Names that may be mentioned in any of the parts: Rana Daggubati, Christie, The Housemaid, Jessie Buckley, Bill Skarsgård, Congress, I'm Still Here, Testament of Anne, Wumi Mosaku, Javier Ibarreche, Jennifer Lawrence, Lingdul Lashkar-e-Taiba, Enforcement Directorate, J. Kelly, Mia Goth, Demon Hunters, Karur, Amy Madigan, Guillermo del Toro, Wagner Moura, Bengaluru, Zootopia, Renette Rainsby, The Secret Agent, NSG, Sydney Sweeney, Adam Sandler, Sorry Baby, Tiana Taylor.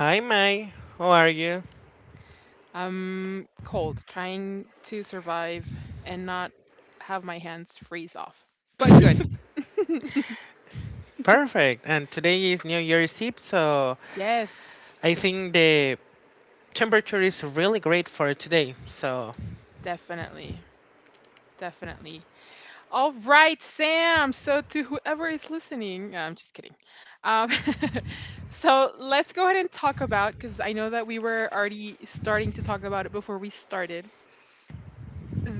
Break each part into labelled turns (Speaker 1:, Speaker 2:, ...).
Speaker 1: Hi, Mai. How are you?
Speaker 2: I'm cold, trying to survive and not have my hands freeze off. But good.
Speaker 1: Perfect. And today is New Year's Eve, so I
Speaker 2: Yes,
Speaker 1: think the temperature is really great for today. So.
Speaker 2: definitely. Definitely. All right, Sam. So, to whoever is listening, no, I'm just kidding. Um, so, let's go ahead and talk about because I know that we were already starting to talk about it before we started.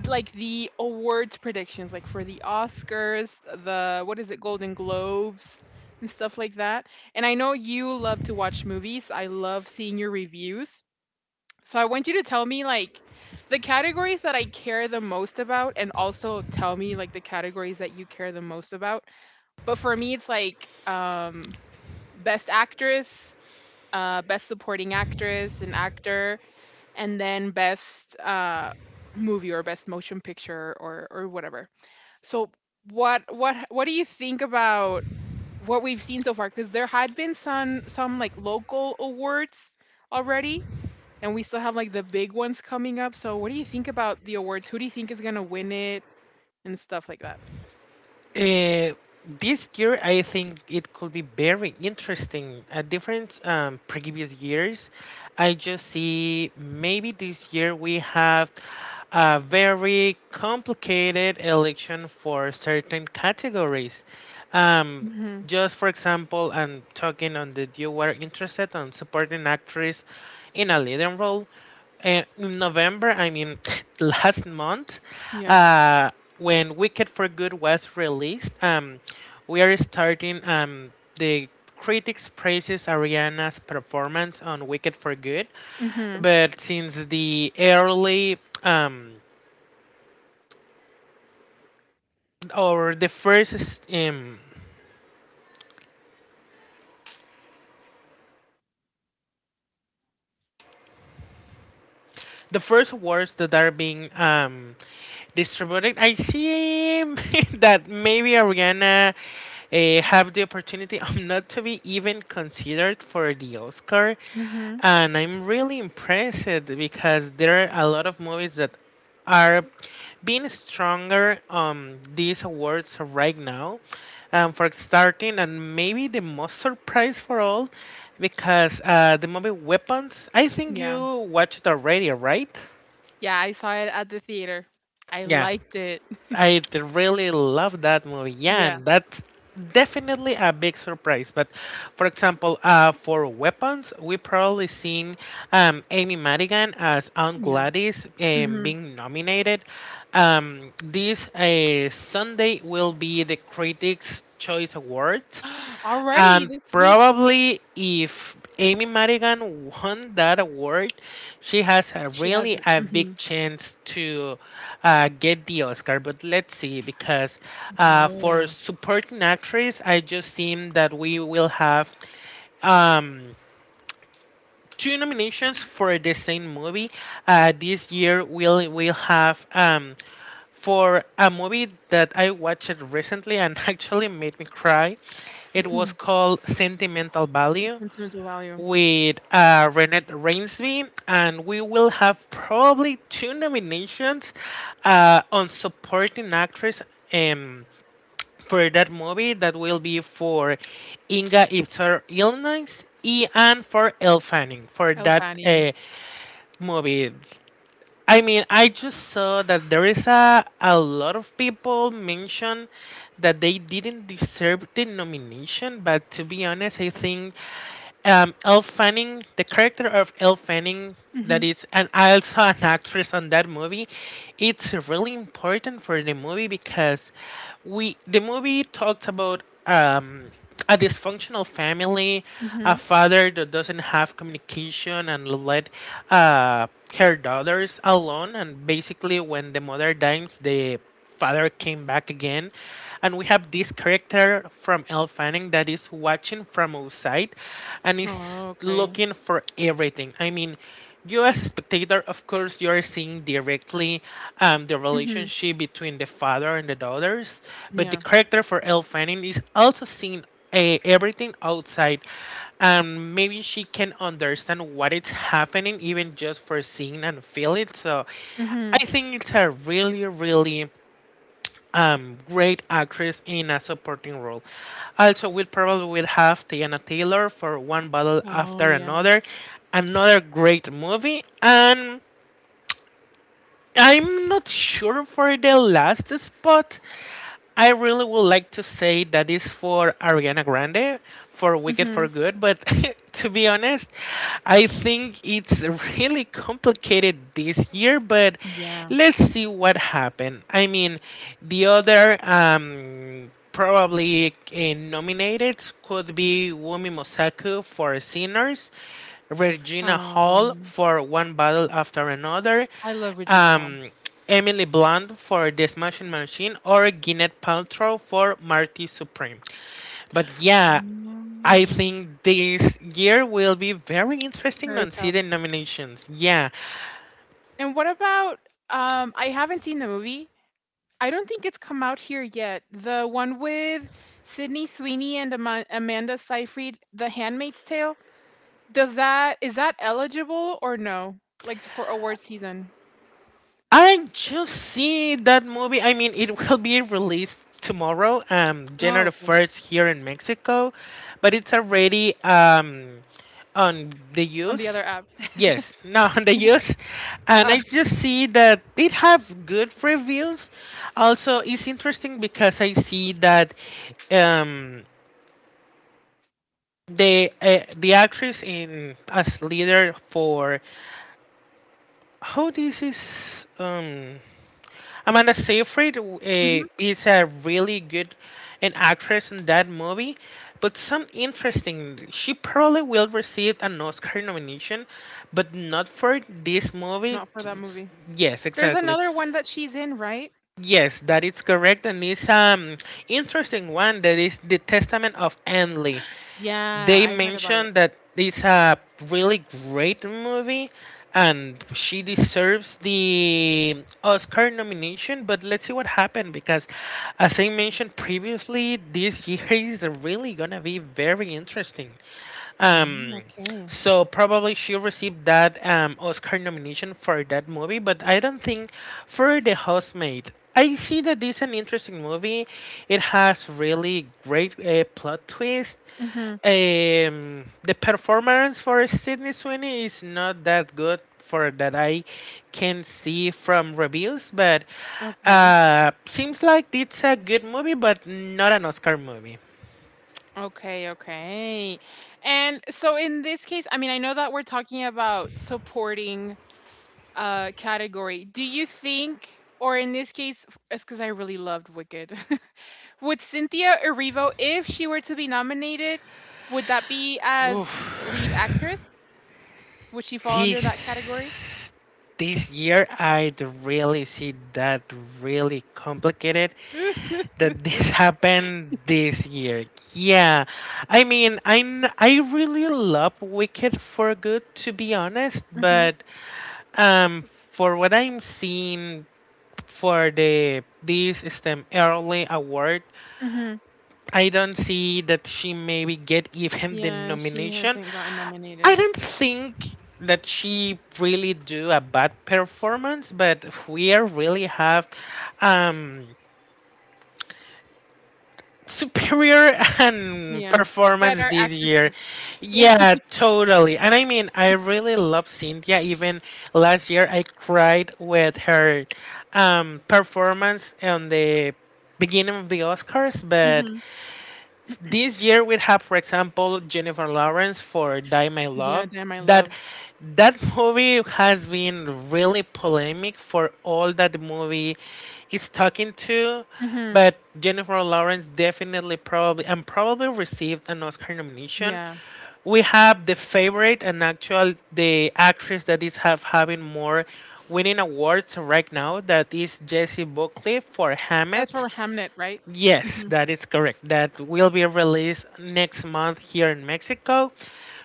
Speaker 2: Like, the awards predictions, like, for the Oscars, the what is it, Golden Globes, and stuff like that, and I know you love to watch movies, I love seeing your reviews, so I want you to tell me, like, the categories that I care the most about, and also tell me, like, the categories that you care the most about, but for me, it's like, Best Actress, Best Supporting Actress and Actor, and then best movie or best motion picture or whatever. So what do you think about what we've seen so far? Because there had been some like local awards already, and we still have like the big ones coming up. So what do you think about the awards? Who do you think is gonna win it and stuff like that?
Speaker 1: Uh, this year, I think it could be very interesting. A different previous years, I just see maybe this year we have a very complicated election for certain categories. Um,
Speaker 2: Hmm.
Speaker 1: just for example, I'm talking on the you were interested on supporting actress in a leading role. And in November, I mean last month,
Speaker 2: Yeah.
Speaker 1: uh, when Wicked for Good was released, we are starting the critics praises Ariana's performance on Wicked for Good,
Speaker 2: Hmm.
Speaker 1: but since the early or the first awards that are being distributed, I see that maybe Ariana have the opportunity of not to be even considered for the Oscar.
Speaker 2: Hmm.
Speaker 1: And I'm really impressed because there are a lot of movies that are being stronger on these awards right now. For starting, and maybe the most surprise for all, because the movie Weapons, I think
Speaker 2: Yeah.
Speaker 1: you watched it already, right?
Speaker 2: Yeah, I saw it at the theater. I liked it.
Speaker 1: I really love that movie. Yeah,
Speaker 2: Yeah.
Speaker 1: and that's definitely a big surprise. But for example, for Weapons, we probably seen Amy Madigan as Aunt
Speaker 2: Yeah.
Speaker 1: Gladys
Speaker 2: Hmm.
Speaker 1: being nominated. This Sunday will be the Critics' Choice Awards,
Speaker 2: Already
Speaker 1: and
Speaker 2: this week.
Speaker 1: probably if Amy Madigan won that award, she has a
Speaker 2: She
Speaker 1: really
Speaker 2: hasn't.
Speaker 1: a big
Speaker 2: Mhm.
Speaker 1: chance to get the Oscar. But let's see, because for
Speaker 2: Woah.
Speaker 1: supporting actress, I just seem that we will have um, two nominations for the same movie. This year we'll will have for a movie that I watched recently and actually made me cry. It was
Speaker 2: Mhm.
Speaker 1: called Sentimental Value
Speaker 2: Sentimental value.
Speaker 1: with Renette Rainsby, and we will have probably two nominations on supporting actress um, for that movie that will be for Inga Ipsar Illness and for Elle Fanning for
Speaker 2: Oh,
Speaker 1: that
Speaker 2: Fanning.
Speaker 1: movie. I mean, I just saw that there is a lot of people mention that they didn't deserve the nomination, but to be honest, I think Elle Fanning, the character of Elle Fanning, that
Speaker 2: Mhm,
Speaker 1: is, and also an actress on that movie, it's really important for the movie because we the movie talks about a dysfunctional family, a
Speaker 2: mhm.
Speaker 1: father that doesn't have communication and let uh, her daughters alone, and basically when the mother dies, the father came back again and we have this character from Elle Fanning that is watching from outside and is
Speaker 2: Oh, okay.
Speaker 1: looking for everything. I mean, you as a spectator, of course, you are seeing directly the
Speaker 2: Mhm.
Speaker 1: relationship between the father and the daughters, but the
Speaker 2: Yeah.
Speaker 1: character for Elle Fanning is also seeing everything outside and maybe she can understand what is happening even just for seeing and feel it, so
Speaker 2: Mhm.
Speaker 1: I think it's a really really great actress in a supporting role. Also, we probably will have Tiana Taylor for One Battle
Speaker 2: Oh,
Speaker 1: After
Speaker 2: yeah.
Speaker 1: Another. Another great movie, and I'm not sure for the last spot. I really would like to say that is for Ariana Grande for Wicked for
Speaker 2: Mhm.
Speaker 1: Good, but to be honest, I think it's really complicated this year, but
Speaker 2: Yeah.
Speaker 1: let's see what happened. I mean, the other probably nominated could be Wumi Mosaku for Sinners, Regina Hall
Speaker 2: Um,
Speaker 1: for One Battle After Another,
Speaker 2: I love Regina Hall.
Speaker 1: um, Emily Blunt for The Smashing Machine or Gwyneth Paltrow for Marty Supreme. But
Speaker 2: Oh,
Speaker 1: yeah,
Speaker 2: yeah.
Speaker 1: I think this year will be very interesting
Speaker 2: Very
Speaker 1: on see
Speaker 2: tough.
Speaker 1: the nominations. Yeah,
Speaker 2: And what about, I haven't seen the movie. I don't think it's come out here yet. The one with Sydney Sweeney and Amanda Seyfried, The Handmaid's Tale? Does that is that eligible or no? Like, for award season?
Speaker 1: I just see that movie. I mean, it will be released tomorrow,
Speaker 2: Oh,
Speaker 1: January
Speaker 2: okay.
Speaker 1: first here in Mexico, but it's already on the
Speaker 2: On the other
Speaker 1: use.
Speaker 2: app.
Speaker 1: Yes, now on the use, and
Speaker 2: Uh,
Speaker 1: I just see that it have good reviews. Also, it's interesting because I see that um the actress in as leader for how this is Amanda Seyfried
Speaker 2: mhm.
Speaker 1: is a really good an actress in that movie, but some interesting. She probably will receive an Oscar nomination, but not for this movie.
Speaker 2: Not for that movie.
Speaker 1: Yes,
Speaker 2: There's
Speaker 1: exactly.
Speaker 2: another one that she's in, right?
Speaker 1: Yes, that is correct, and it's interesting one that is the Testament of Anne,
Speaker 2: Yeah,
Speaker 1: they
Speaker 2: I heard about it.
Speaker 1: mentioned that it's a really great movie and she deserves the Oscar nomination, but let's see what happened because as I mentioned previously, this year is really gonna be very interesting.
Speaker 2: Oh,
Speaker 1: Um,
Speaker 2: okay.
Speaker 1: so probably she received that Oscar nomination for that movie, but I don't think for The Housemaid. I see that this is an interesting movie. It has really great plot twist.
Speaker 2: Mhm.
Speaker 1: The performance for Sydney Sweeney is not that good for that I can see from reviews, but
Speaker 2: Okay.
Speaker 1: seems like it's a good movie, but not an Oscar movie.
Speaker 2: Okay, okay. And so in this case, I mean, I know that we're talking about supporting, category. Do you think or in this case it's because I really loved Wicked. Would Cynthia Erivo, if she were to be nominated, would that be
Speaker 1: Oof.
Speaker 2: as lead actress? Would she fall under that category?
Speaker 1: this this year I really see that really complicated that this happened this year. Yeah, I mean I really love Wicked for Good to be honest,
Speaker 2: Mm-hmm.
Speaker 1: but um for what I'm seeing for the this STEM early award,
Speaker 2: Mm-hmm.
Speaker 1: I don't see that she maybe get even the
Speaker 2: Yeah, she
Speaker 1: nomination.
Speaker 2: hasn't gotten
Speaker 1: I
Speaker 2: nominated.
Speaker 1: don't think that she really do a bad performance, but we really have um superior and
Speaker 2: Yeah,
Speaker 1: performance
Speaker 2: better
Speaker 1: this year.
Speaker 2: actresses. Yeah.
Speaker 1: Yeah, totally. And I mean, I really love Cynthia. Even last year, I cried with her performance on the beginning of the Oscars, but
Speaker 2: Hmm.
Speaker 1: this year we have, for example, Jennifer Lawrence for Die My
Speaker 2: Yeah,
Speaker 1: Love.
Speaker 2: damn, I
Speaker 1: that
Speaker 2: love.
Speaker 1: that movie has been really polemic for all that the movie is talking to,
Speaker 2: Hmm.
Speaker 1: but Jennifer Lawrence definitely probably and probably received an Oscar nomination.
Speaker 2: Yeah,
Speaker 1: We have the favorite and actual the actress that is have having more winning awards right now, that is Jessie Buckley for
Speaker 2: that's
Speaker 1: *Hammett*.
Speaker 2: for Hamnet, right?
Speaker 1: Yes,
Speaker 2: Hmm.
Speaker 1: that is correct. That will be released next month here in Mexico.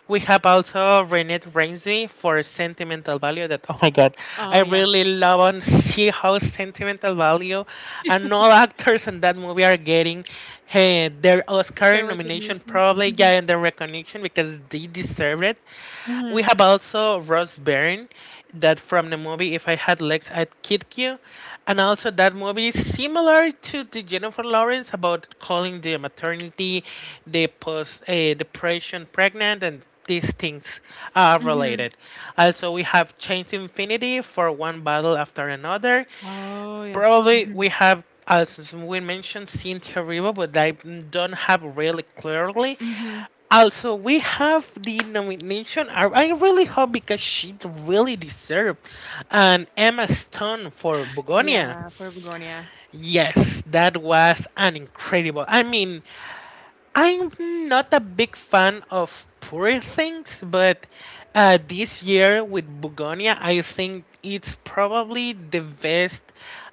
Speaker 1: We have also Renette Ramsey for Sentimental Value. That, oh my god,
Speaker 2: Oh
Speaker 1: I
Speaker 2: yeah,
Speaker 1: really love and see how Sentimental Value and all actors in that movie are getting their Oscar
Speaker 2: the
Speaker 1: nomination,
Speaker 2: recognition.
Speaker 1: probably
Speaker 2: Hmm.
Speaker 1: getting their recognition because they deserve it.
Speaker 2: Hmm.
Speaker 1: We have also Ross Byrne, that from the movie If I Had Legs I'd Kick You, and also that movie is similar to the Jennifer Lawrence, about calling the maternity, the post depression pregnant, and these things are
Speaker 2: Hmm.
Speaker 1: related. Also, we have Chains Infinity for One Battle After Another.
Speaker 2: Oh yeah.
Speaker 1: Probably
Speaker 2: hmm
Speaker 1: we have, as we mentioned, Cynthia Riva, but I don't have really clearly.
Speaker 2: hmm.
Speaker 1: Also, we have the nomination. I really hope, because she really deserved, an Emma Stone for Begonia.
Speaker 2: Yeah, for Begonia.
Speaker 1: Yes, that was an incredible. I mean, I'm not a big fan of Poor Things, but this year with Bugonia, I think it's probably the best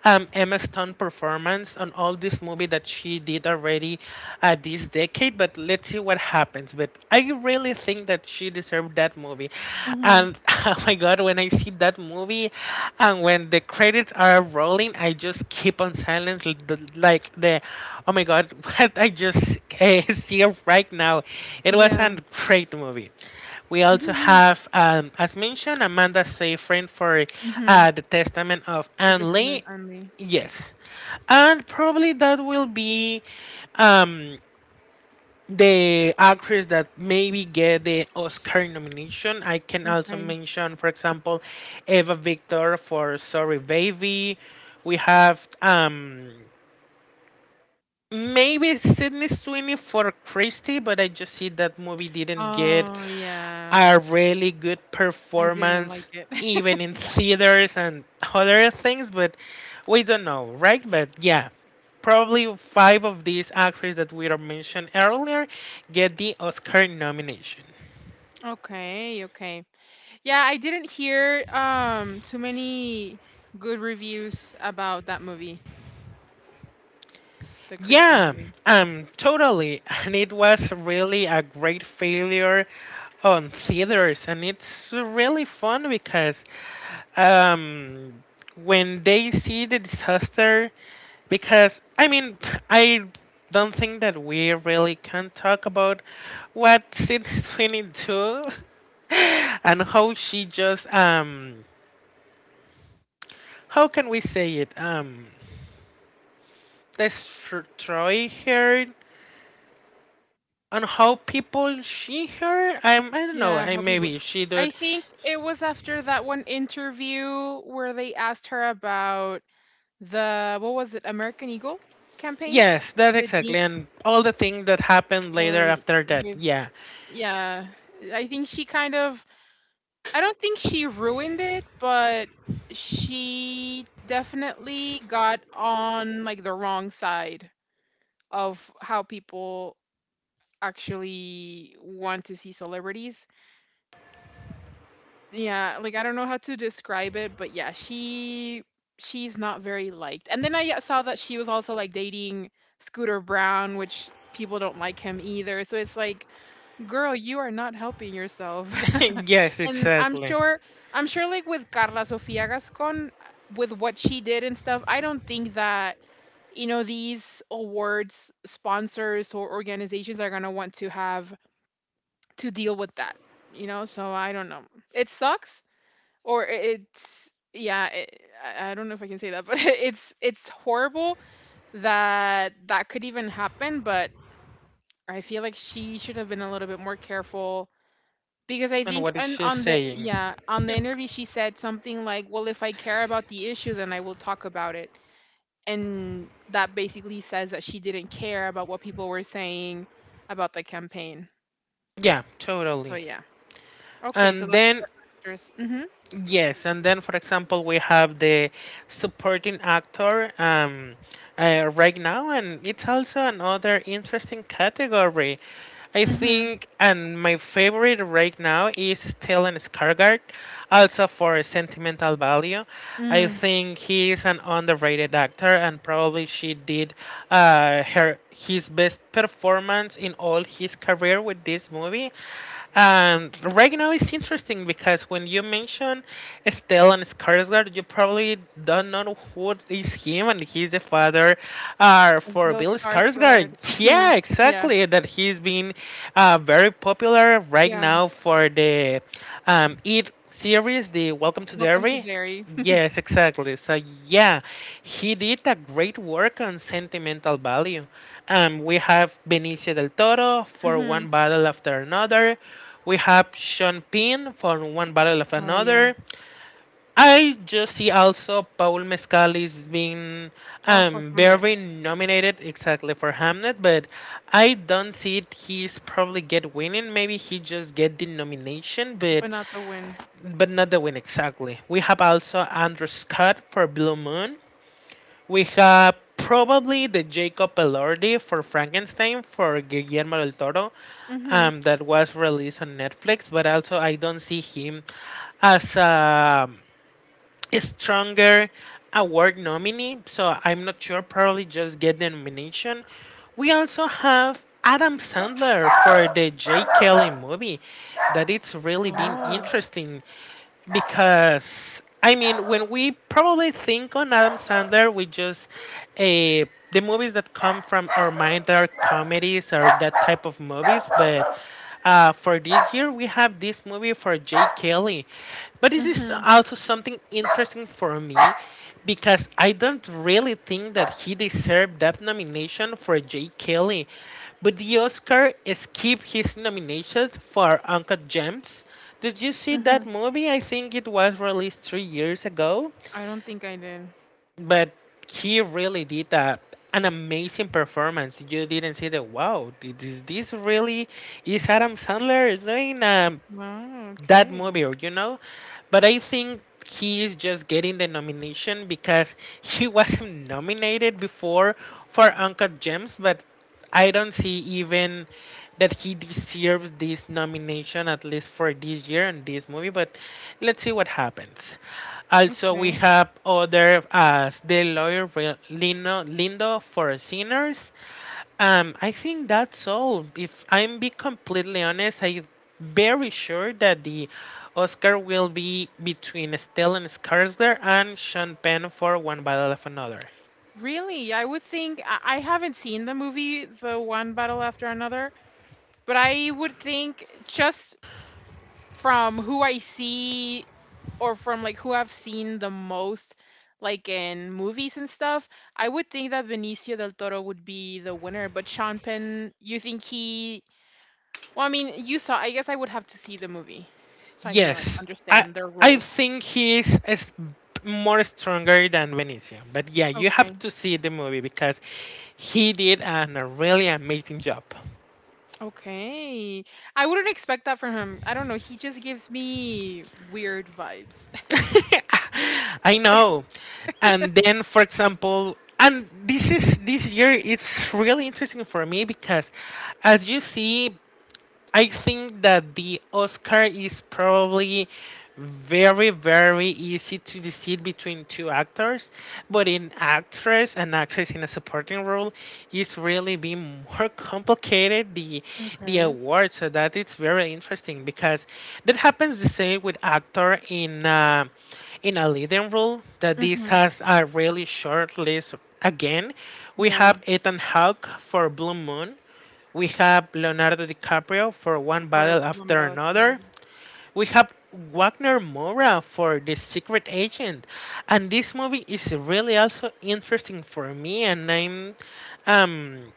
Speaker 1: Emma Stone performance on all this movie that she did already this decade. But let's see what happens, but I really think that she deserved that movie.
Speaker 2: Hmm.
Speaker 1: And oh my god, when I see that movie and when the credits are rolling, I just keep on silence, like the oh my god, what I just see right now. It was
Speaker 2: Yeah.
Speaker 1: a great movie. We also
Speaker 2: Hmm.
Speaker 1: have, as mentioned, Amanda Seyfried for
Speaker 2: Hmm.
Speaker 1: The Testament of
Speaker 2: The
Speaker 1: Anne
Speaker 2: Dissident
Speaker 1: Lee.
Speaker 2: only.
Speaker 1: Yes. And probably that will be um the actress that maybe get the Oscar nomination. I can also
Speaker 2: Okay.
Speaker 1: mention, for example, Eva Victor for Sorry Baby. We have maybe Sydney Sweeney for Christie, but I just see that movie didn't get
Speaker 2: Oh yeah.
Speaker 1: a really good
Speaker 2: I didn't like
Speaker 1: performance
Speaker 2: it.
Speaker 1: even in theaters and other things, but we don't know, right? But yeah, probably five of these actors that we are mentioned earlier get the Oscar nomination.
Speaker 2: Okay, okay. Yeah, I didn't hear too many good reviews about that movie, the Christie
Speaker 1: Yeah,
Speaker 2: movie.
Speaker 1: totally, and it was really a great failure on theaters, and it's really fun because um when they see the disaster. Because I mean, I don't think that we really can talk about what Sydney Sweeney do, and how she just how can we say it, destroy her on how people see her. I don't know,
Speaker 2: Yeah, how people.
Speaker 1: maybe she
Speaker 2: I
Speaker 1: did.
Speaker 2: think it was after that one interview where they asked her about the what was it, American Eagle campaign?
Speaker 1: Yes, that
Speaker 2: The jean,
Speaker 1: exactly, and all the things that happened later
Speaker 2: um,
Speaker 1: after that,
Speaker 2: with,
Speaker 1: yeah.
Speaker 2: yeah, I think she kind of, I don't think she ruined it, but she definitely got on like the wrong side of how people actually want to see celebrities. Yeah, like I don't know how to describe it, but yeah, she's not very liked. And then I saw that she was also like dating Scooter Brown, which people don't like him either. So it's like, girl, you are not helping yourself.
Speaker 1: Yes,
Speaker 2: And I'm
Speaker 1: exactly,
Speaker 2: sure, I'm sure, like with Carla Sofia Gascon, with what she did and stuff, I don't think that these awards sponsors or organizations are going to want to have to deal with that, you know? So I don't know. It sucks, or it's, yeah, it, I don't know if I can say that, but it's horrible that that could even happen, but I feel like she should have been a little bit more careful because I
Speaker 1: and
Speaker 2: think
Speaker 1: what is
Speaker 2: on
Speaker 1: she
Speaker 2: on the
Speaker 1: saying?
Speaker 2: yeah on the interview she said something like, "Well, if I care about the issue, then I will talk about it," and that basically says that she didn't care about what people were saying about the campaign.
Speaker 1: Yeah,
Speaker 2: So
Speaker 1: totally.
Speaker 2: yeah, okay, so
Speaker 1: And
Speaker 2: that's
Speaker 1: then,
Speaker 2: for actress. Mm-hmm.
Speaker 1: yes, and then for example, we have the supporting actor right now, and it's also another interesting category. I
Speaker 2: Mm-hmm.
Speaker 1: think, and my favorite right now is Stellan Skarsgård, also for Sentimental Value. I
Speaker 2: Mm.
Speaker 1: think he is an underrated actor, and probably she did her his best performance in all his career with this movie. And right now it's interesting, because when you mention Stellan Skarsgård, you probably don't know who is him, and he's the father
Speaker 2: Of
Speaker 1: for
Speaker 2: Bill
Speaker 1: Bill
Speaker 2: Skarsgard.
Speaker 1: Skarsgård.
Speaker 2: Mm-hmm.
Speaker 1: Yeah,
Speaker 2: Yeah.
Speaker 1: exactly. That he's been very popular right
Speaker 2: Yeah.
Speaker 1: now for the It series, the Welcome to
Speaker 2: Welcome to
Speaker 1: Derry.
Speaker 2: Derry.
Speaker 1: Yes, exactly. So yeah, he did a great work on Sentimental Value. We have Benicio del Toro for
Speaker 2: Mm-hmm.
Speaker 1: One Battle After Another. We have Sean Penn for One Battle of
Speaker 2: Oh yeah.
Speaker 1: Another. I just see also Paul Mescal is being
Speaker 2: Oh, for Hamnet,
Speaker 1: very nominated exactly for Hamnet, but I don't see it. He's probably get winning. Maybe he just get the nomination, but
Speaker 2: but not the win.
Speaker 1: not the win exactly. We have also Andrew Scott for Blue Moon. We have probably the Jacob Elordi for Frankenstein for Guillermo del Toro,
Speaker 2: Mm-hmm.
Speaker 1: that was released on Netflix. But also, I don't see him as a stronger award nominee, so I'm not sure. Probably just get the nomination. We also have Adam Sandler for the J. Kelly movie, that it's really been
Speaker 2: Oh.
Speaker 1: interesting because I mean, when we probably think on Adam Sandler, we just eh, the movies that come from our mind are comedies or that type of movies. But for this year, we have this movie for Jay Kelly. But this is
Speaker 2: Mm-hmm.
Speaker 1: also something interesting for me because I don't really think that he deserved that nomination for Jay Kelly. But the Oscar skipped his nomination for Uncut Gems. Did you see
Speaker 2: Mm-hmm.
Speaker 1: that movie? I think it was released 3 years ago,
Speaker 2: I don't think I did.
Speaker 1: but he really did an amazing performance. You didn't see the wow. Is this really is Adam Sandler doing a
Speaker 2: Oh,
Speaker 1: that
Speaker 2: okay,
Speaker 1: movie, or. But I think he is just getting the nomination because he wasn't nominated before for Uncle James, but I don't see even that he deserves this nomination at least for this year and this movie. But let's see what happens. Also, we
Speaker 2: okay.
Speaker 1: have other as the lawyer Lino, Lindo for Sinners. I think that's all. If I'm be completely honest, I'm very sure that the Oscar will be between Stellan Skarsgård and Sean Penn for One Battle of Another.
Speaker 2: Really? I would think I haven't seen the movie, the one battle after another, but I would think just from who I see or from like who I've seen the most, like in movies and stuff, I would think that Benicio del Toro would be the winner. But Sean Penn, you think he? Well, I mean, you saw. I guess I would have to see the movie so I can like
Speaker 1: Yes, I
Speaker 2: understand their
Speaker 1: I
Speaker 2: roles.
Speaker 1: think he is more stronger than Benicio. But yeah, you
Speaker 2: Okay.
Speaker 1: have to see the movie because he did a really amazing job.
Speaker 2: Okay. I wouldn't expect that from him. I don't know, he just gives me weird vibes.
Speaker 1: I know. And then, for example, and this is this year it's really interesting for me because, as you see, I think that the Oscar is probably very easy to decide between two actors but in actress and actress in a supporting role is really being more complicated the
Speaker 2: Okay.
Speaker 1: award so that it's very interesting because that happens the same with actor in a leading role that this
Speaker 2: Mhm.
Speaker 1: has a really short list again. We
Speaker 2: Yeah,
Speaker 1: have Ethan Hawke for Blue Moon. We have Leonardo DiCaprio for one
Speaker 2: for
Speaker 1: battle after
Speaker 2: Bombero
Speaker 1: another.
Speaker 2: Definieron.
Speaker 1: We have Wagner Moura for The Secret Agent. And this movie is really also interesting for me and I'm um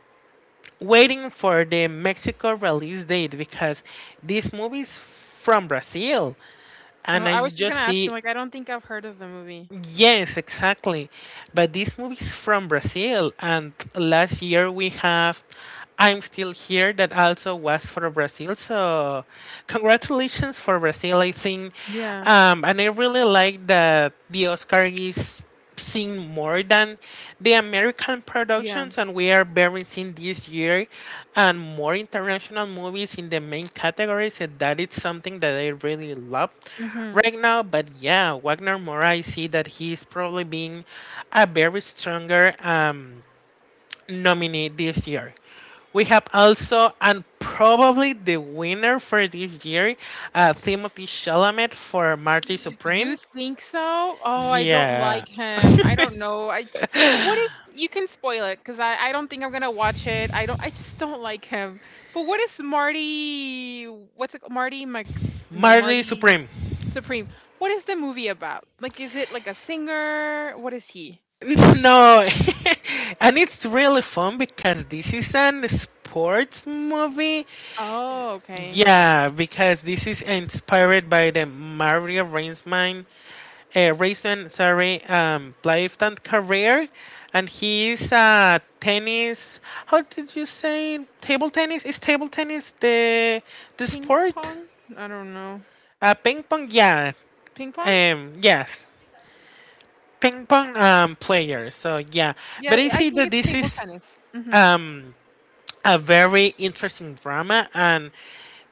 Speaker 1: waiting for the Mexico release date because this movie is from Brazil
Speaker 2: Oh,
Speaker 1: and I
Speaker 2: I was just
Speaker 1: just
Speaker 2: gonna ask you,
Speaker 1: see.
Speaker 2: like, I don't think I've heard of the movie.
Speaker 1: Yes, exactly. But this movie is from Brazil, and last year we have I'm Still Here that also was for Brazil. So, congratulations for Brazil, I think.
Speaker 2: Yeah,
Speaker 1: And I really like that the Oscar is seeing more than the American
Speaker 2: yeah,
Speaker 1: productions, and we are very seeing this year and more international movies in the main categories, and that is something that I really love
Speaker 2: mhm.
Speaker 1: right now. But yeah, Wagner Moura, I see that he's probably being a very stronger nominee this year. We have also and probably the winner for this year, Timothy Chalamet for Marty Supreme.
Speaker 2: You think so? Oh, I don't
Speaker 1: Yeah.
Speaker 2: like him. I don't know. What is, you can spoil it because I don't think I'm gonna watch it. I don't. I just don't like him. But what is Marty? What's it? Marty Mc? No,
Speaker 1: Marty
Speaker 2: Marty
Speaker 1: Supreme.
Speaker 2: Supreme. What is the movie about? Like, is it like a singer? What is he?
Speaker 1: No, and it's really fun because this is an sports movie.
Speaker 2: Oh, okay.
Speaker 1: Yeah, because this is inspired by the Mario Raisman, Raisin, sorry, lifetime career, and he's a tennis. How did you say table tennis? Is table tennis the
Speaker 2: Ping
Speaker 1: sport?
Speaker 2: pong? I don't know.
Speaker 1: Ping pong. Yeah.
Speaker 2: Ping pong?
Speaker 1: Yes. Ping pong. Player. So yeah, but
Speaker 2: Yeah,
Speaker 1: I
Speaker 2: I
Speaker 1: see
Speaker 2: think
Speaker 1: that
Speaker 2: it's
Speaker 1: this
Speaker 2: table
Speaker 1: is
Speaker 2: tennis. Hmm.
Speaker 1: um a very interesting drama and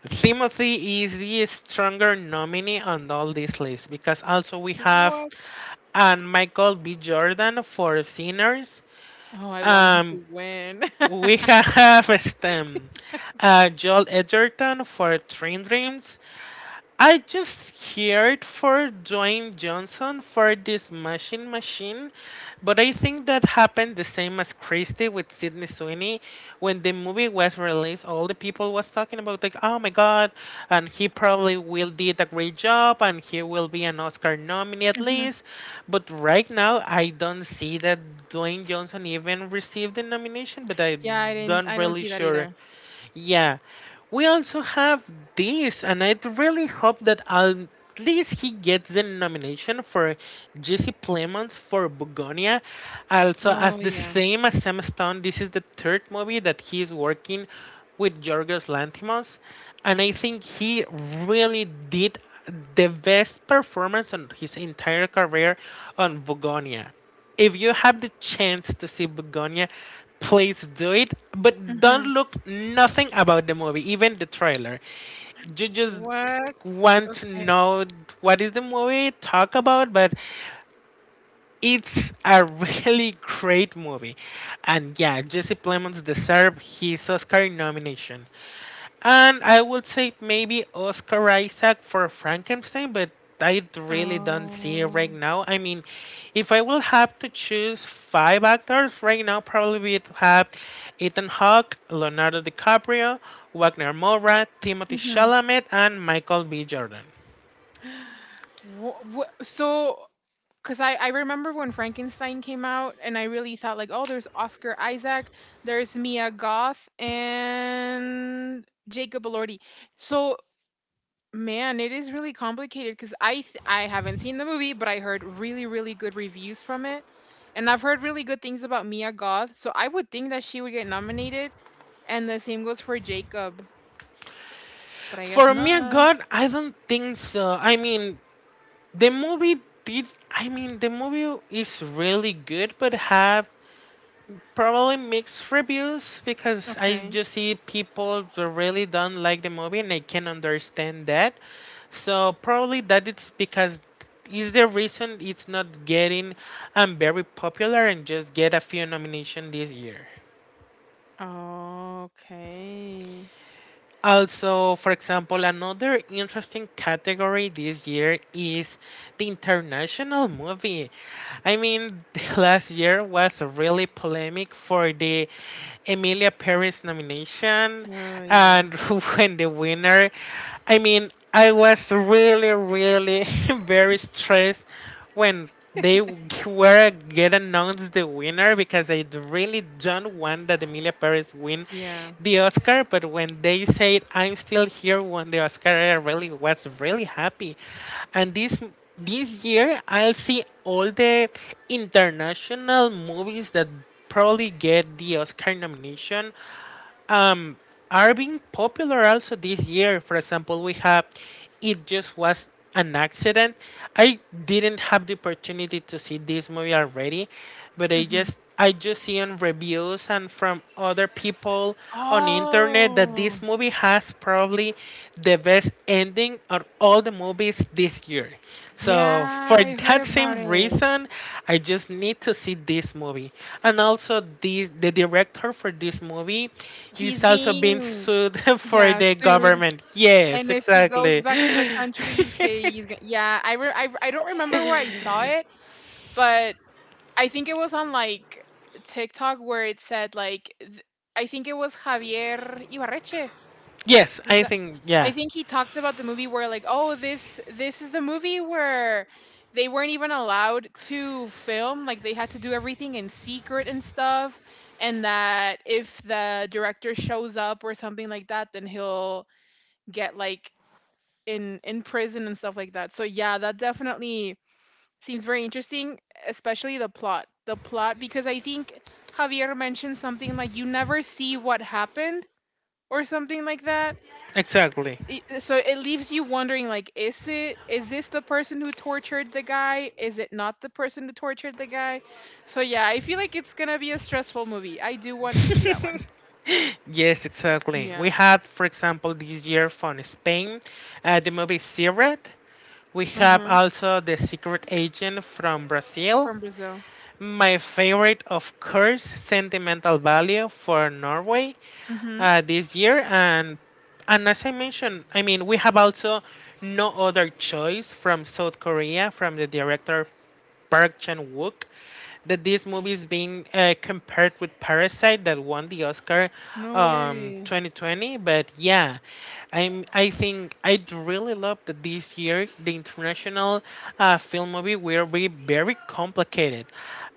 Speaker 1: Timothy is the stronger nominee on all these lists because also we have
Speaker 2: What?
Speaker 1: and Michael B. Jordan for Sinners.
Speaker 2: Oh, I want him
Speaker 1: Um,
Speaker 2: to win.
Speaker 1: we have STEM. Joel Edgerton for Train Dreams. I just heard for Dwayne Johnson for this Machine, but I think that happened the same as Christie with Sidney Sweeney. When the movie was released, all the people was talking about like, oh my god, and he probably will did a great job, and he will be an Oscar nominee at least. But right now, I don't see that Dwayne Johnson even received the nomination, but I
Speaker 2: Yeah,
Speaker 1: don't
Speaker 2: I don't
Speaker 1: really
Speaker 2: see that
Speaker 1: sure.
Speaker 2: either.
Speaker 1: Yeah, we also have this, and I really hope that at least he gets the nomination for Jesse Plemons for Bugonia. Also, as
Speaker 2: Oh,
Speaker 1: the
Speaker 2: yeah.
Speaker 1: same as Sam Stone, this is the third movie that he is working with Yorgos Lanthimos, and I think he really did the best performance on his entire career on Bugonia. If you have the chance to see Begonia, please do it. But don't
Speaker 2: Mm-hmm.
Speaker 1: look nothing about the movie, even the trailer. You just
Speaker 2: What?
Speaker 1: want to
Speaker 2: Okay.
Speaker 1: know what is the movie talk about, but it's a really great movie. And yeah, Jesse Plemons deserved his Oscar nomination. And I would say maybe Oscar Isaac for Frankenstein, but I really don't see it right
Speaker 2: Oh.
Speaker 1: now. I mean, if I will have to choose five actors right now, probably we'd have Ethan Hawke, Leonardo DiCaprio, Wagner Moura, Timothy
Speaker 2: Mm-hmm.
Speaker 1: Chalamet, and Michael B. Jordan.
Speaker 2: So, because I remember when Frankenstein came out, and I really thought, like, oh, there's Oscar Isaac, there's Mia Goth, and Jacob Elordi. So, man, it is really complicated because I haven't seen the movie, but I heard really really good reviews from it, and I've heard really good things about Mia Goth. So I would think that she would get nominated, and the same goes for Jacob, but I guess
Speaker 1: For Mia
Speaker 2: not.
Speaker 1: God, I don't think so. I mean, the movie did. I mean, the movie is really good, but have probably mixed reviews because I
Speaker 2: Okay.
Speaker 1: just see people that really don't like the movie and I can understand that. So probably that it's because is the reason it's not getting very popular and just get a few nomination this year.
Speaker 2: Okay.
Speaker 1: Also, for example, another interesting category this year is the international movie. I mean, last year was really polemic for the Emilia Paris nomination,
Speaker 2: Oh yeah,
Speaker 1: and when the winner, I mean, I was really, really very stressed when they were get announced the winner because I really don't want that Emilia Paris win
Speaker 2: yeah.
Speaker 1: the Oscar. But when they said I'm still here, won the Oscar, I really was really happy. And this year, I'll see all the international movies that probably get the Oscar nomination, um, are being popular also this year. For example, we have It Just Was an Accident. I didn't have the opportunity to see this movie already, but
Speaker 2: Hmm.
Speaker 1: I just see on reviews and from other people on internet that
Speaker 2: Oh
Speaker 1: this movie has probably the best ending of all the movies this year. So for
Speaker 2: yeah, I heard
Speaker 1: that
Speaker 2: about
Speaker 1: same
Speaker 2: it.
Speaker 1: reason, I just need to see this movie. And also this the director for this movie is
Speaker 2: He's
Speaker 1: also being
Speaker 2: being,
Speaker 1: sued for
Speaker 2: yeah,
Speaker 1: the
Speaker 2: sued.
Speaker 1: government. Yes,
Speaker 2: And if he goes
Speaker 1: exactly.
Speaker 2: back to the country, he's gonna, yeah. I don't remember where I saw it, but I think it was on like TikTok where it said like I think it was Javier Ibarreche.
Speaker 1: yes,
Speaker 2: Is
Speaker 1: I
Speaker 2: that,
Speaker 1: think
Speaker 2: I
Speaker 1: yeah.
Speaker 2: think he talked about the movie where like, oh, this is a movie where they weren't even allowed to film like they had to do everything in secret and stuff and that if the director shows up or something like that then he'll get like in prison and stuff like that. So yeah, that definitely seems very interesting, especially the plot. The plot because I think Javier mentioned something like you never see what happened or something like that.
Speaker 1: Exactly.
Speaker 2: So it leaves you wondering like is this the person who tortured the guy? Is it not the person who tortured the guy? So yeah, I feel like it's going to be a stressful movie. I do want to see that one.
Speaker 1: yes, exactly.
Speaker 2: Yeah.
Speaker 1: We had, for example, this year from Spain, the movie Siret. We have
Speaker 2: Uh-huh.
Speaker 1: also the Secret Agent from Brazil.
Speaker 2: From Brazil.
Speaker 1: My favorite, of course, Sentimental Value for Norway
Speaker 2: Mhm.
Speaker 1: this year. And as I mentioned, I mean, we have also No Other Choice from South Korea from the director Park Chan Wook that this movie is being compared with Parasite that won the Oscar
Speaker 2: No way.
Speaker 1: 2020. But yeah, I think I'd really love that this year the international film movie will be very complicated.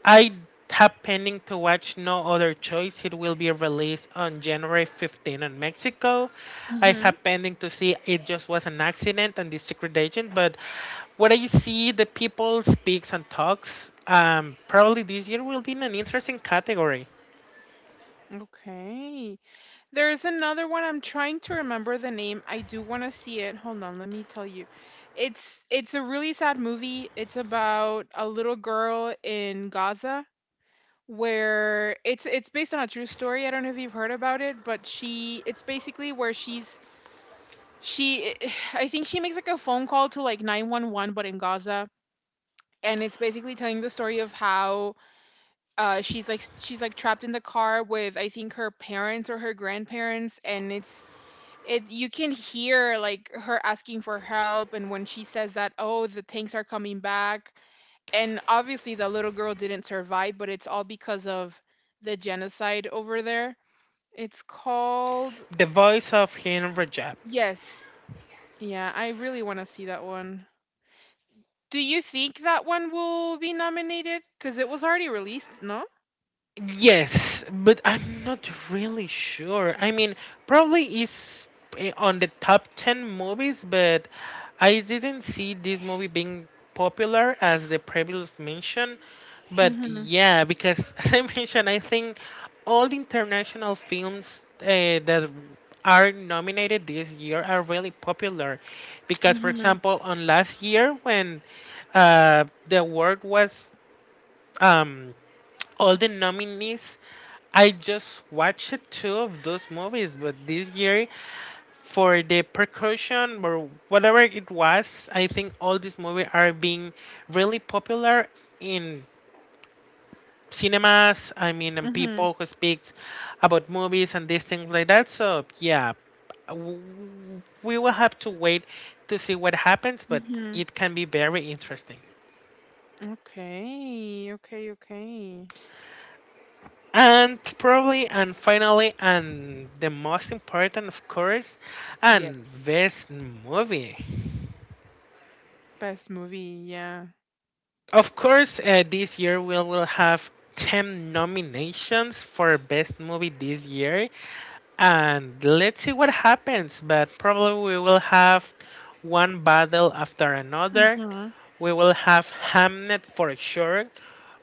Speaker 1: I Tap pending to watch no other choice. It will be released on January 15 in Mexico. I
Speaker 2: Mhm.
Speaker 1: have pending to see it just was an accident and the secret agent, but what I see the people speaks and talks, probably this year will be in an interesting category.
Speaker 2: Okay. There's another one I'm trying to remember the name. I do wanna see it. Hold on, let me tell you. It's a really sad movie. It's about a little girl in Gaza where it's based on a true story. I don't know if you've heard about it, but she it's basically where she's she I think she makes like a phone call to like 911 but in Gaza. And it's basically telling the story of how she's like trapped in the car with I think her parents or her grandparents, and it's it you can hear like her asking for help and when she says that, oh, the tanks are coming back, and obviously the little girl didn't survive, but it's all because of the genocide over there. It's called.
Speaker 1: The voice of Henry Jap.
Speaker 2: Yes. Yeah, I really want to see that one. Do you think that one will be nominated because it was already released? No.
Speaker 1: Yes, but I'm not really sure. I mean, probably is on the top 10 movies, but I didn't see this movie being popular as the previous mention. But
Speaker 2: Mm-hmm.
Speaker 1: yeah, because as I mentioned, I think all the international films that are nominated this year are really popular. Because, for
Speaker 2: Mm-hmm.
Speaker 1: example, on last year when the award was um, all the nominees. I just watched two of those movies, but this year for the percussion or whatever it was, I think all these movies are being really popular in cinemas. I mean, and
Speaker 2: Mm-hmm.
Speaker 1: people who speak about movies and these things like that. So yeah, w- we will have to wait to see what happens, but
Speaker 2: Mm-hmm.
Speaker 1: it can be very interesting.
Speaker 2: Okay, okay, okay.
Speaker 1: And probably, and finally, and the most important, of course, and
Speaker 2: Yes.
Speaker 1: best movie.
Speaker 2: Best movie, yeah.
Speaker 1: Of course, this year we will have 10 nominations for best movie this year, and let's see what happens. But probably we will have one battle after another.
Speaker 2: Mm-hmm.
Speaker 1: We will have Hamnet for sure.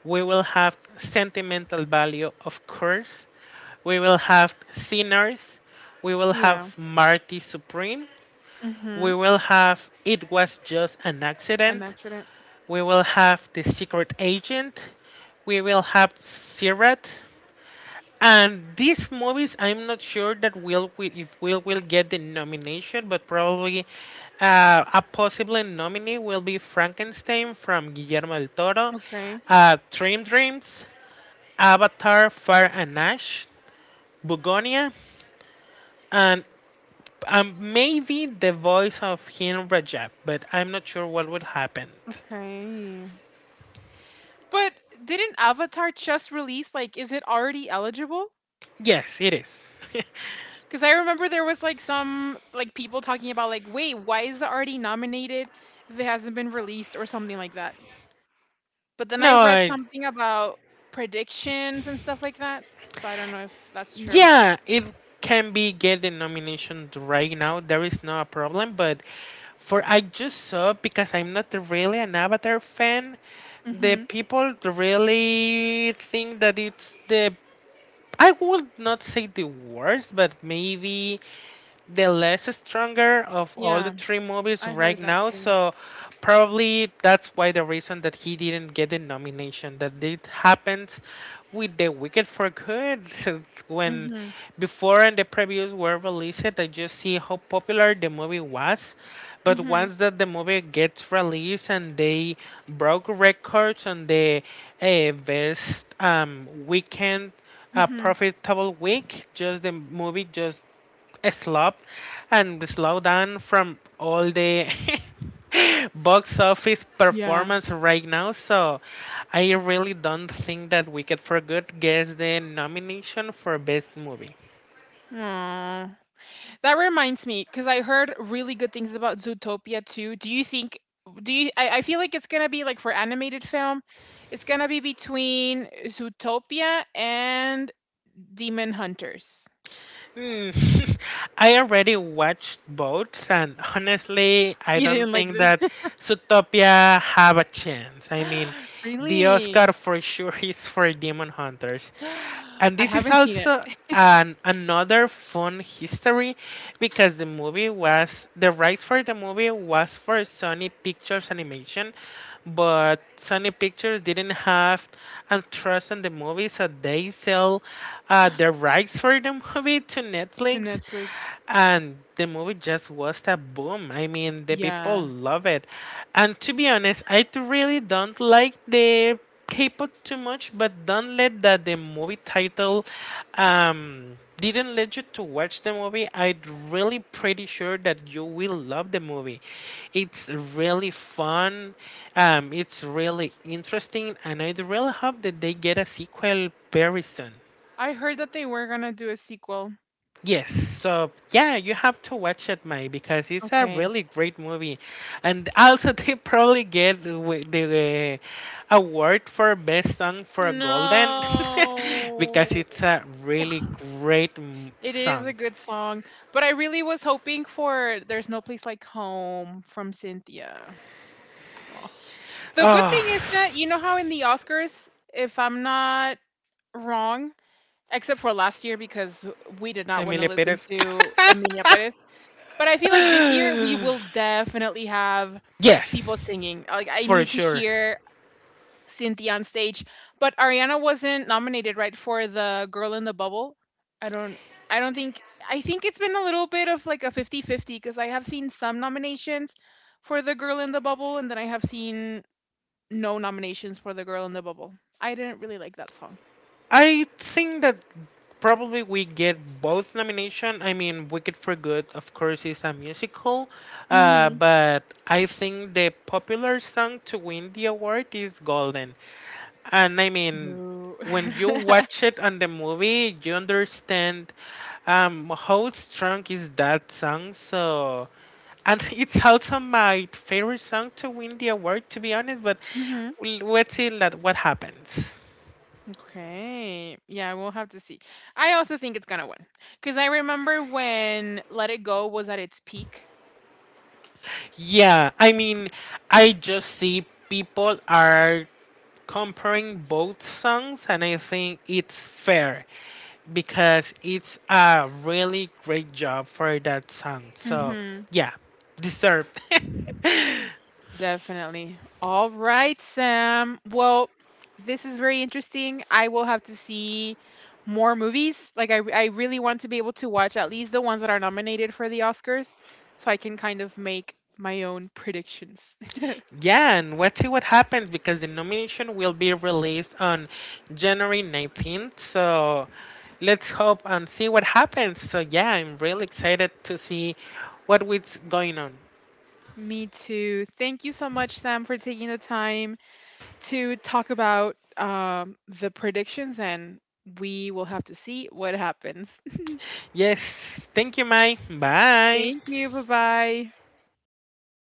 Speaker 1: We will have sentimental value, of course. We will have Sinners. We will have
Speaker 2: Yeah.
Speaker 1: Marty Supreme. We
Speaker 2: Mhm.
Speaker 1: will have It Was Just an
Speaker 2: An
Speaker 1: Accident.
Speaker 2: accident.
Speaker 1: We will have The Secret Agent. We will have Sirat. And these movies, I'm not sure that if we'll get the nomination, but probably a possible nominee will be Frankenstein from Guillermo del Toro,
Speaker 2: Okay.
Speaker 1: Dream Dreams, Avatar: Fire and Ash, Bugonia, and maybe the voice of him Rajab, but I'm not sure what would happen.
Speaker 2: Okay. But didn't Avatar just release? Like, is it already eligible?
Speaker 1: Yes, it is.
Speaker 2: Because I remember there was like some like people talking about like, wait, why is it already nominated if it hasn't been released or something like that. But then I
Speaker 1: no,
Speaker 2: read
Speaker 1: I,
Speaker 2: something about predictions and stuff like that. So I don't know if that's true.
Speaker 1: yeah, it can be get the nomination right now. There is no problem, but for I just saw because I'm not really an Avatar fan. The
Speaker 2: Mhm.
Speaker 1: people really think that it's the I would not say the worst, but maybe the less stronger of all the
Speaker 2: Yeah,
Speaker 1: three movies
Speaker 2: I
Speaker 1: right
Speaker 2: heard that
Speaker 1: now.
Speaker 2: too.
Speaker 1: So probably that's why the reason that he didn't get the nomination. That it happens with the Wicked for Good when
Speaker 2: Mhm.
Speaker 1: before and the previews were released. I just see how popular the movie was. But
Speaker 2: Mhm.
Speaker 1: once that the movie gets released and they broke records on the best weekend, a
Speaker 2: Mhm.
Speaker 1: profitable week, just the movie just a slop and slowdown from all the box office
Speaker 2: Yeah.
Speaker 1: performance right now. So I really don't think that Wicked for Good gets the nomination for best movie.
Speaker 2: Aw. That reminds me, because I heard really good things about Zootopia too. Do you think? Do you? I feel like it's gonna be like for animated film, it's gonna be between Zootopia and Demon Hunters.
Speaker 1: Hmm. I already watched both, and honestly, I
Speaker 2: You
Speaker 1: don't
Speaker 2: didn't like
Speaker 1: think
Speaker 2: them,
Speaker 1: that Zootopia have a chance. I mean, the Oscar
Speaker 2: really?
Speaker 1: for sure is for Demon Hunters, and
Speaker 2: I
Speaker 1: this is
Speaker 2: haven't seen it.
Speaker 1: also an another fun history because the rights for the movie was for Sony Pictures Animation, but Sony Pictures didn't have and trust in the movies that they sell the rights for the movie to
Speaker 2: To
Speaker 1: Netflix.
Speaker 2: Netflix.
Speaker 1: And the movie just was a boom. I mean, the people
Speaker 2: Yeah,
Speaker 1: love it. And to be honest, really don't like the K-pop too much, but don't let that the movie title didn't let you to watch the movie. I'm really pretty sure that you will love the movie. It's really fun. It's really interesting, and I really hope that they get a sequel very soon.
Speaker 2: I heard that they were gonna do a sequel.
Speaker 1: Yes, so yeah, you have to watch it, May, because it's a
Speaker 2: Okay.
Speaker 1: really great movie, and also they probably get the the award for best song for Golden
Speaker 2: No.
Speaker 1: because it's a really great
Speaker 2: It is a
Speaker 1: song.
Speaker 2: good song, but I really was hoping for "There's No Place Like Home" from Cynthia. Oh. The good thing
Speaker 1: Oh,
Speaker 2: is that you know how in the Oscars, if I'm not wrong, except for last year because we did not want to
Speaker 1: Emilia
Speaker 2: listen
Speaker 1: Perez.
Speaker 2: to Emilia Perez, but I feel like this year we will definitely have people
Speaker 1: yes,
Speaker 2: singing. Like, I
Speaker 1: for
Speaker 2: need to
Speaker 1: sure.
Speaker 2: hear Cynthia on stage. But Ariana wasn't nominated, right, for the Girl in the Bubble. I don't I don't think I think it's been a little bit of like a fifty-fifty because I have seen some nominations for the Girl in the Bubble and then I have seen no nominations for the Girl in the Bubble. I didn't really like that song.
Speaker 1: I think that probably we get both nomination. I mean, Wicked for Good, of course, is a musical,
Speaker 2: Mhm.
Speaker 1: but I think the popular song to win the award is Golden. And I mean,
Speaker 2: Boo.
Speaker 1: when you watch it on the movie, you understand how strong is that song. So, and it's also my favorite song to win the award, to be honest. But
Speaker 2: Hmm.
Speaker 1: let's see that what happens.
Speaker 2: Okay. Yeah, we'll have to see. I also think it's gonna win because I remember when Let It Go was at its peak.
Speaker 1: Yeah, I mean, I just see people are comparing both songs, and I think it's fair because it's a really great job for that song. So,
Speaker 2: Hmm.
Speaker 1: yeah, deserved.
Speaker 2: Definitely. All right, Sam. Well, this is very interesting. I will have to see more movies. Like, I really want to be able to watch at least the ones that are nominated for the Oscars so I can kind of make my own predictions.
Speaker 1: yeah, and let's see what happens because the nomination will be released on January 19th. So, let's hope and see what happens. So, yeah, I'm really excited to see what's going on.
Speaker 2: Me too. Thank you so much, Sam, for taking the time to talk about the predictions, and we will have to see what happens.
Speaker 1: Yes. Thank you, Mai. Bye.
Speaker 2: Thank you. Bye bye.